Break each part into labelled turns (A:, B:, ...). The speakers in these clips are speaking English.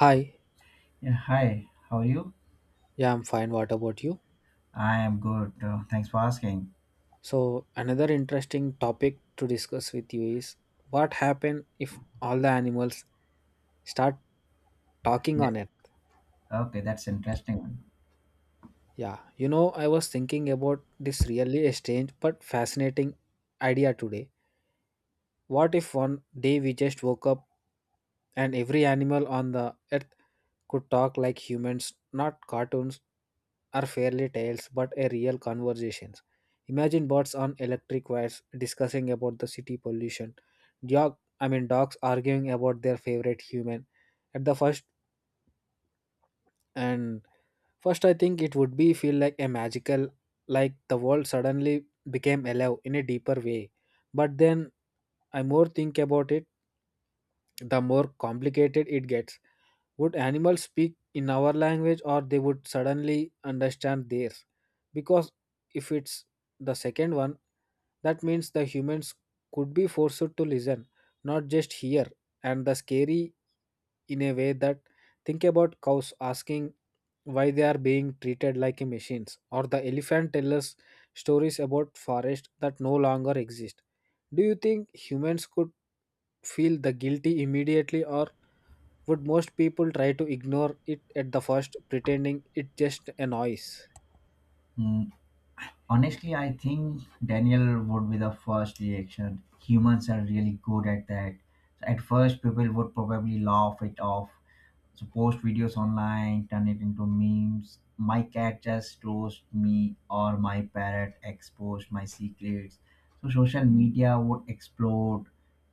A: Hi,
B: Yeah, hi, how are you?
A: yeah, I'm fine. What about you?
B: I am good. Thanks for asking.
A: So, another interesting topic to discuss with you is what happen if all the animals start talking
B: Yeah.
A: on it?
B: Okay, that's interesting. One.
A: Yeah, you know, I was thinking about this really strange but fascinating idea today. What if one day we just woke up and every animal on the earth could talk like humans, not cartoons or fairy tales, but a real conversations? Imagine birds on electric wires discussing about the city pollution, dogs arguing about their favorite human. At the first and First I think it would be feel like a magical, like the world suddenly became alive in a deeper way. But then I more think about it, the more complicated it gets. Would animals speak in our language or they would suddenly understand theirs? Because if it's the second one, that means the humans could be forced to listen, not just hear. And the scary in a way that think about cows asking why they are being treated like a machines, or the elephant tell us stories about forest that no longer exist. Do you think humans could feel the guilty immediately, or would most people try to ignore it at the first, pretending it just a noise?
B: Hmm. Honestly, I think Daniel would be the first reaction. Humans are really good at that. So at first, people would probably laugh it off. So post videos online, turn it into memes. My cat just roast me, or my parrot exposed my secrets. So social media would explode.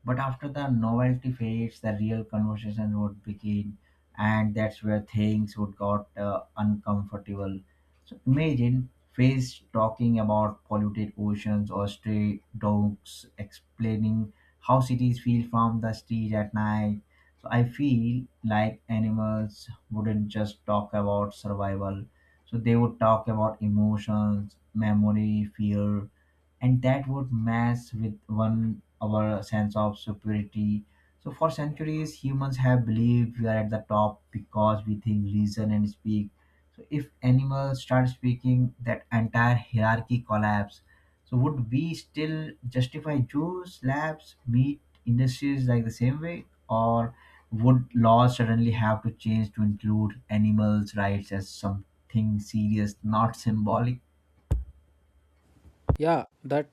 B: But after the novelty fades, the real conversation would begin, and that's where things would got uncomfortable. So imagine Face talking about polluted oceans or stray dogs explaining how cities feel from the street at night. So I feel like animals wouldn't just talk about survival. So they would talk about emotions, memory, fear, and that would mess with one our sense of superiority. So for centuries humans have believed we are at the top because we think, reason and speak so if animals start speaking, that entire hierarchy collapse. So would we still justify juice, labs, meat industries like the same way, or would laws suddenly have to change to include animals' rights as something serious, not symbolic?
A: Yeah, that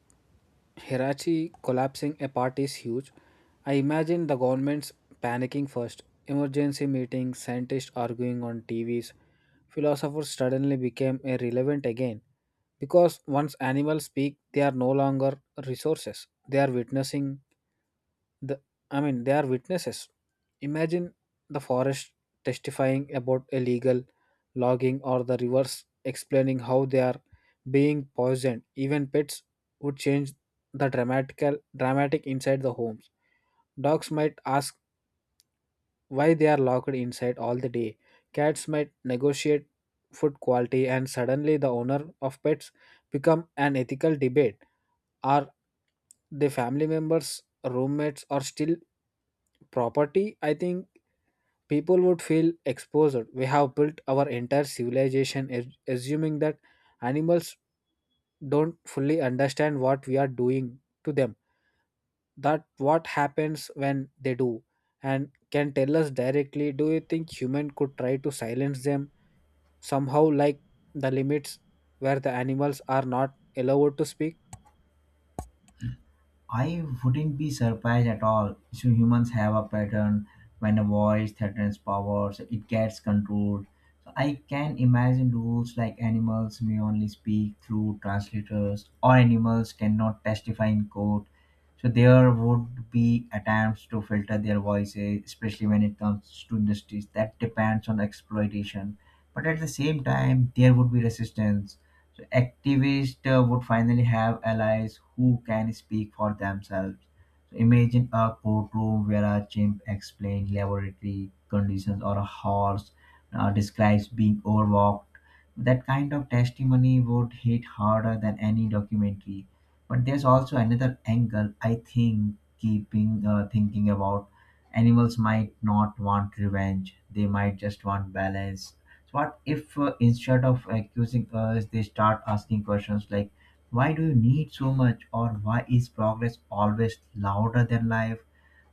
A: Hirachi collapsing a part is huge. I imagine the government's panicking first. Emergency meetings, scientists arguing on TVs, philosophers suddenly became irrelevant again. Because once animals speak, they are no longer resources. They are witnessing The, they are witnesses. Imagine the forest testifying about illegal logging, or the rivers explaining how they are being poisoned. Even pets would change the dramatical dramatic inside the homes. Dogs might ask why they are locked inside all the day. Cats might negotiate food quality, and suddenly the owner of pets become an ethical debate. Are the family members roommates are still property? I think people would feel exposed. We have built our entire civilization as- assuming that animals don't fully understand what we are doing to them. That what happens when they do and can tell us directly? Do you think human could try to silence them somehow, like the limits where the animals are not allowed to speak?
B: I wouldn't be surprised at all. So humans have a pattern when a voice threatens powers, it gets controlled. So I can imagine rules like animals may only speak through translators or animals cannot testify in court. So there would be attempts to filter their voices, especially when it comes to industries that depends on exploitation. But at the same time, there would be resistance so activists would finally have allies who can speak for themselves. So imagine a courtroom where a chimp explains laboratory conditions or a horse describes being overwalked. That kind of testimony would hit harder than any documentary. But there's also another angle I think keeping thinking about animals might not want revenge, they might just want balance. So what if, instead of accusing us, they start asking questions like why do you need so much, or why is progress always louder than life?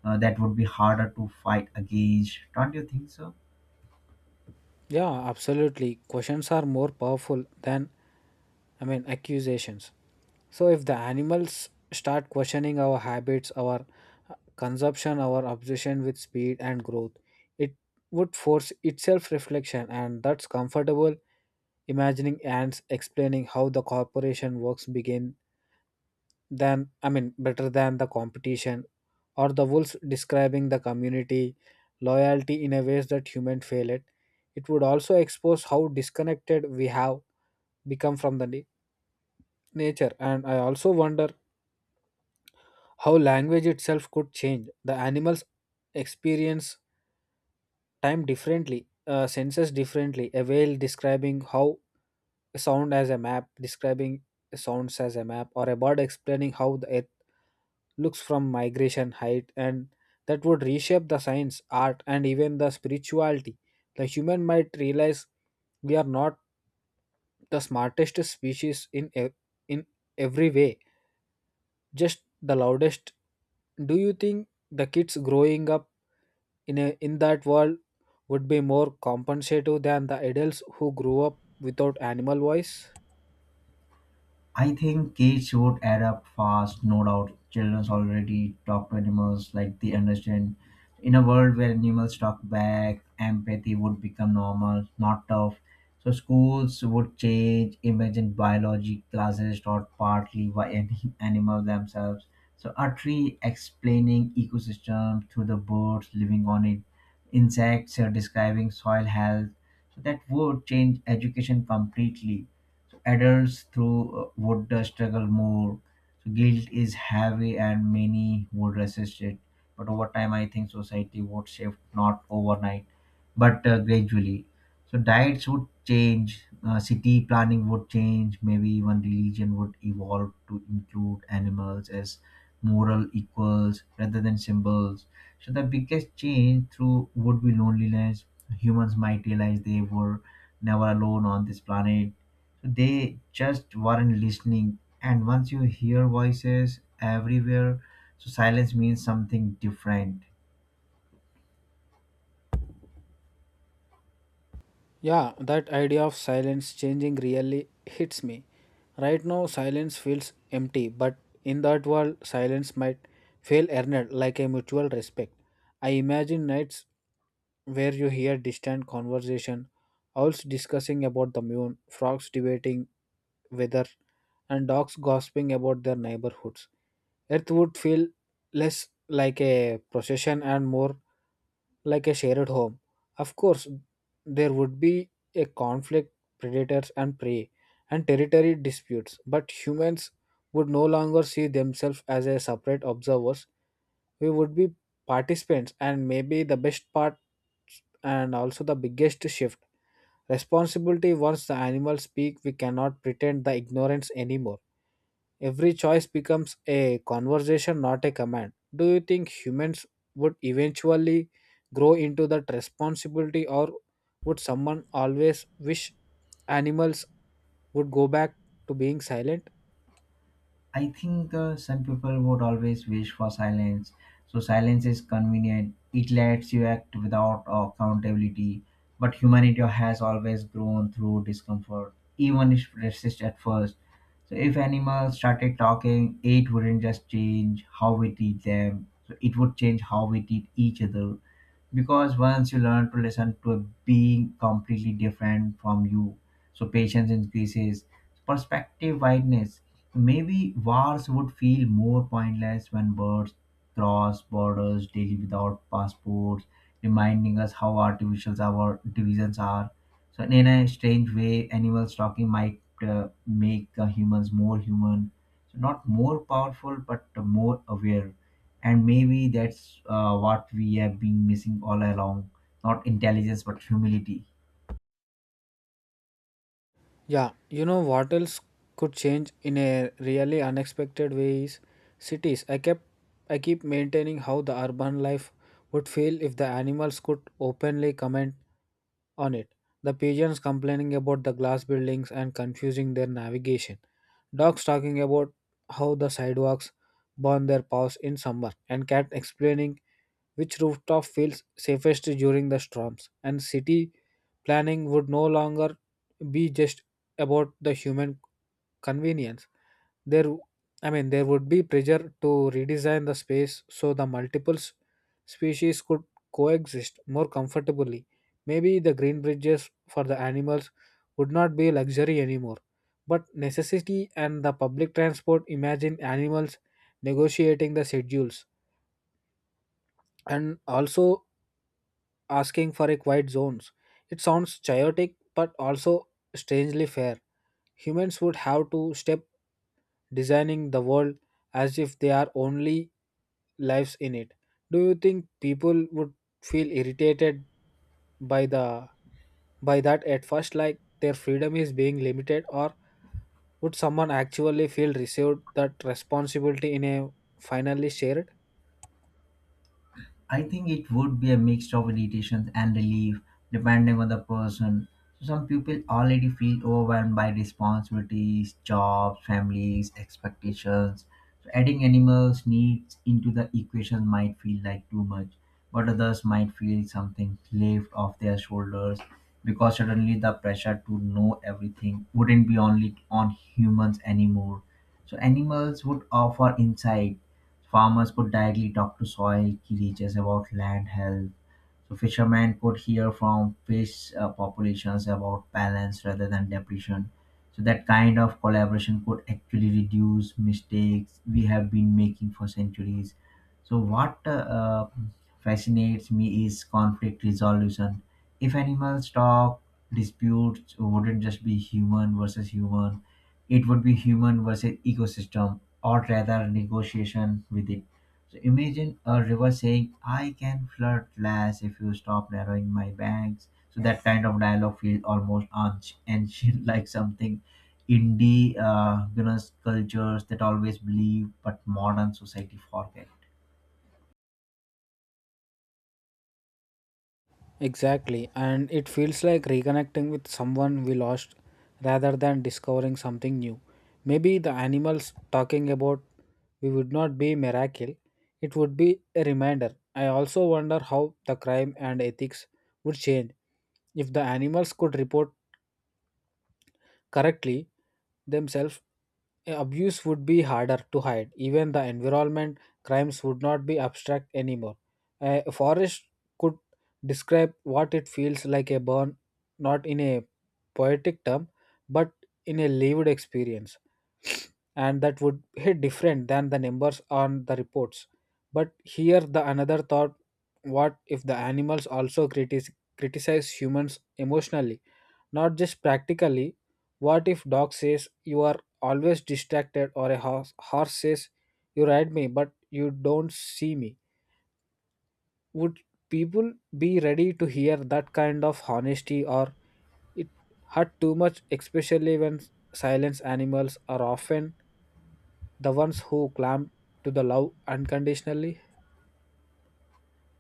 B: That would be harder to fight against, don't you think so?
A: Yeah, absolutely. Questions are more powerful than, I mean, accusations. So if the animals start questioning our habits, our consumption, our obsession with speed and growth, it would force itself reflection, and that's comfortable. Imagining ants explaining how the corporation works begin than, I mean better than the competition, or the wolves describing the community loyalty in a ways that human fail it. It would also expose how disconnected we have become from the na- nature. And I also wonder how language itself could change. The animals experience time differently, senses differently. A whale describing how sound as a map, describing sounds as a map, or a bird explaining how the earth looks from migration height. And that would reshape the science art and even the spirituality. The human might realize we are not the smartest species in in every way, just the loudest. Do you think the kids growing up in that world would be more compensative than the adults who grew up without animal voice?
B: I think kids would adapt fast, no doubt. Children already talk to animals like they understand. In a world where animals talk back, empathy would become normal, not tough. So schools would change. Imagine biology classes taught partly by any animals themselves. So a tree explaining ecosystem through the birds living on it, insects are describing soil health. So that would change education completely. Adults through would struggle more. So guilt is heavy, and many would resist it. But over time, I think society would shift, not overnight, but gradually. So diets would change, city planning would change, maybe even religion would evolve to include animals as moral equals rather than symbols. So the biggest change through would be loneliness. Humans might realize they were never alone on this planet, they just weren't listening. And once you hear voices everywhere, so silence means something different.
A: Yeah, that idea of silence changing really hits me. Right now, silence feels empty, but in that world, silence might feel earned like a mutual respect. I imagine nights where you hear distant conversation, owls discussing about the moon, frogs debating weather, and dogs gossiping about their neighborhoods. Earth would feel less like a procession and more like a shared home. Of course, there would be a conflict, predators and prey, and territory disputes, but humans would no longer see themselves as a separate observers. We would be participants, and maybe the best part and also the biggest shift. Responsibility once the animals speak, we cannot pretend the ignorance anymore. Every choice becomes a conversation, not a command. Do you think humans would eventually grow into that responsibility, or would someone always wish animals would go back to being silent?
B: I think some people would always wish for silence. So silence is convenient. It lets you act without accountability. But humanity has always grown through discomfort, even if resist at first. So if animals started talking, it wouldn't just change how we treat them. So it would change how we treat each other because once you learn to listen to a being completely different from you, so patience increases, perspective wideness, maybe wars would feel more pointless when birds cross borders daily without passports, reminding us how artificial our divisions are. So, in a strange way, animals talking might make humans more human. So, not more powerful, but more aware. And maybe that's what we have been missing all along, not intelligence, but humility.
A: Yeah, you know what else could change in a really unexpected way is cities. I keep maintaining how the urban life would feel if the animals could openly comment on it. The pigeons complaining about the glass buildings and confusing their navigation. Dogs talking about how the sidewalks burn their paws in summer, and cat explaining which rooftop feels safest during the storms. And city planning would no longer be just about the human convenience. There I mean There would be pressure to redesign the space so the multiple s- species could coexist more comfortably. Maybe the green bridges for the animals would not be luxury anymore but necessity. And the public transport, imagine animals negotiating the schedules and also asking for a quiet zones. It sounds chaotic but also strangely fair. Humans would have to step designing the world as if they are only lives in it. Do you think people would feel irritated by the by that at first, like their freedom is being limited, or would someone actually feel received that responsibility in a finally shared?
B: I think it would be a mix of irritation and relief, depending on the person. So some people already feel overwhelmed by responsibilities, jobs, families, expectations. So adding animals' needs into the equation might feel like too much, but others might feel something left off their shoulders because suddenly the pressure to know everything wouldn't be only on humans anymore. So animals would offer insight. Farmers could directly talk to soil creatures about land health. So fishermen could hear from fish populations about balance rather than depletion. So that kind of collaboration could actually reduce mistakes we have been making for centuries. So what uh, fascinates me is conflict resolution. If animals talk, disputes wouldn't just be human versus human, it would be human versus ecosystem, or rather negotiation with it. So imagine a river saying I can flood less if you stop narrowing my banks. So that kind of dialogue feels almost ancient, like something indie, cultures that always believe but modern society forget.
A: Exactly, and it feels like reconnecting with someone we lost rather than discovering something new. Maybe the animals talking about we would not be miracle, it would be a reminder. I also wonder how the crime and ethics would change if the animals could report correctly themselves. Abuse would be harder to hide. Even the environment crimes would not be abstract anymore. A forest could describe what it feels like a burn, not in a poetic term, but in a lived experience. And that would hit different than the numbers on the reports. But here, the another thought, what if the animals also critic- criticize humans emotionally, not just practically? What if dog says you are always distracted, or a horse says you ride me but you don't see me? Would people be ready to hear that kind of honesty, or it hurt too much, especially when silence animals are often the ones who climb to the love unconditionally?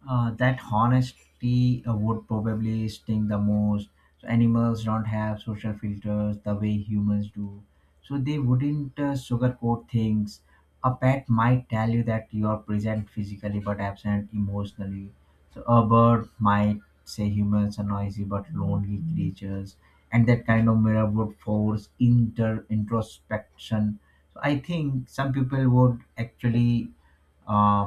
B: That honesty would probably sting the most. So animals don't have social filters the way humans do, so they wouldn't sugarcoat things. A pet might tell you that you are present physically but absent emotionally. So a bird might say humans are noisy but lonely creatures, and that kind of mirror would force inter introspection. So I think some people would actually uh,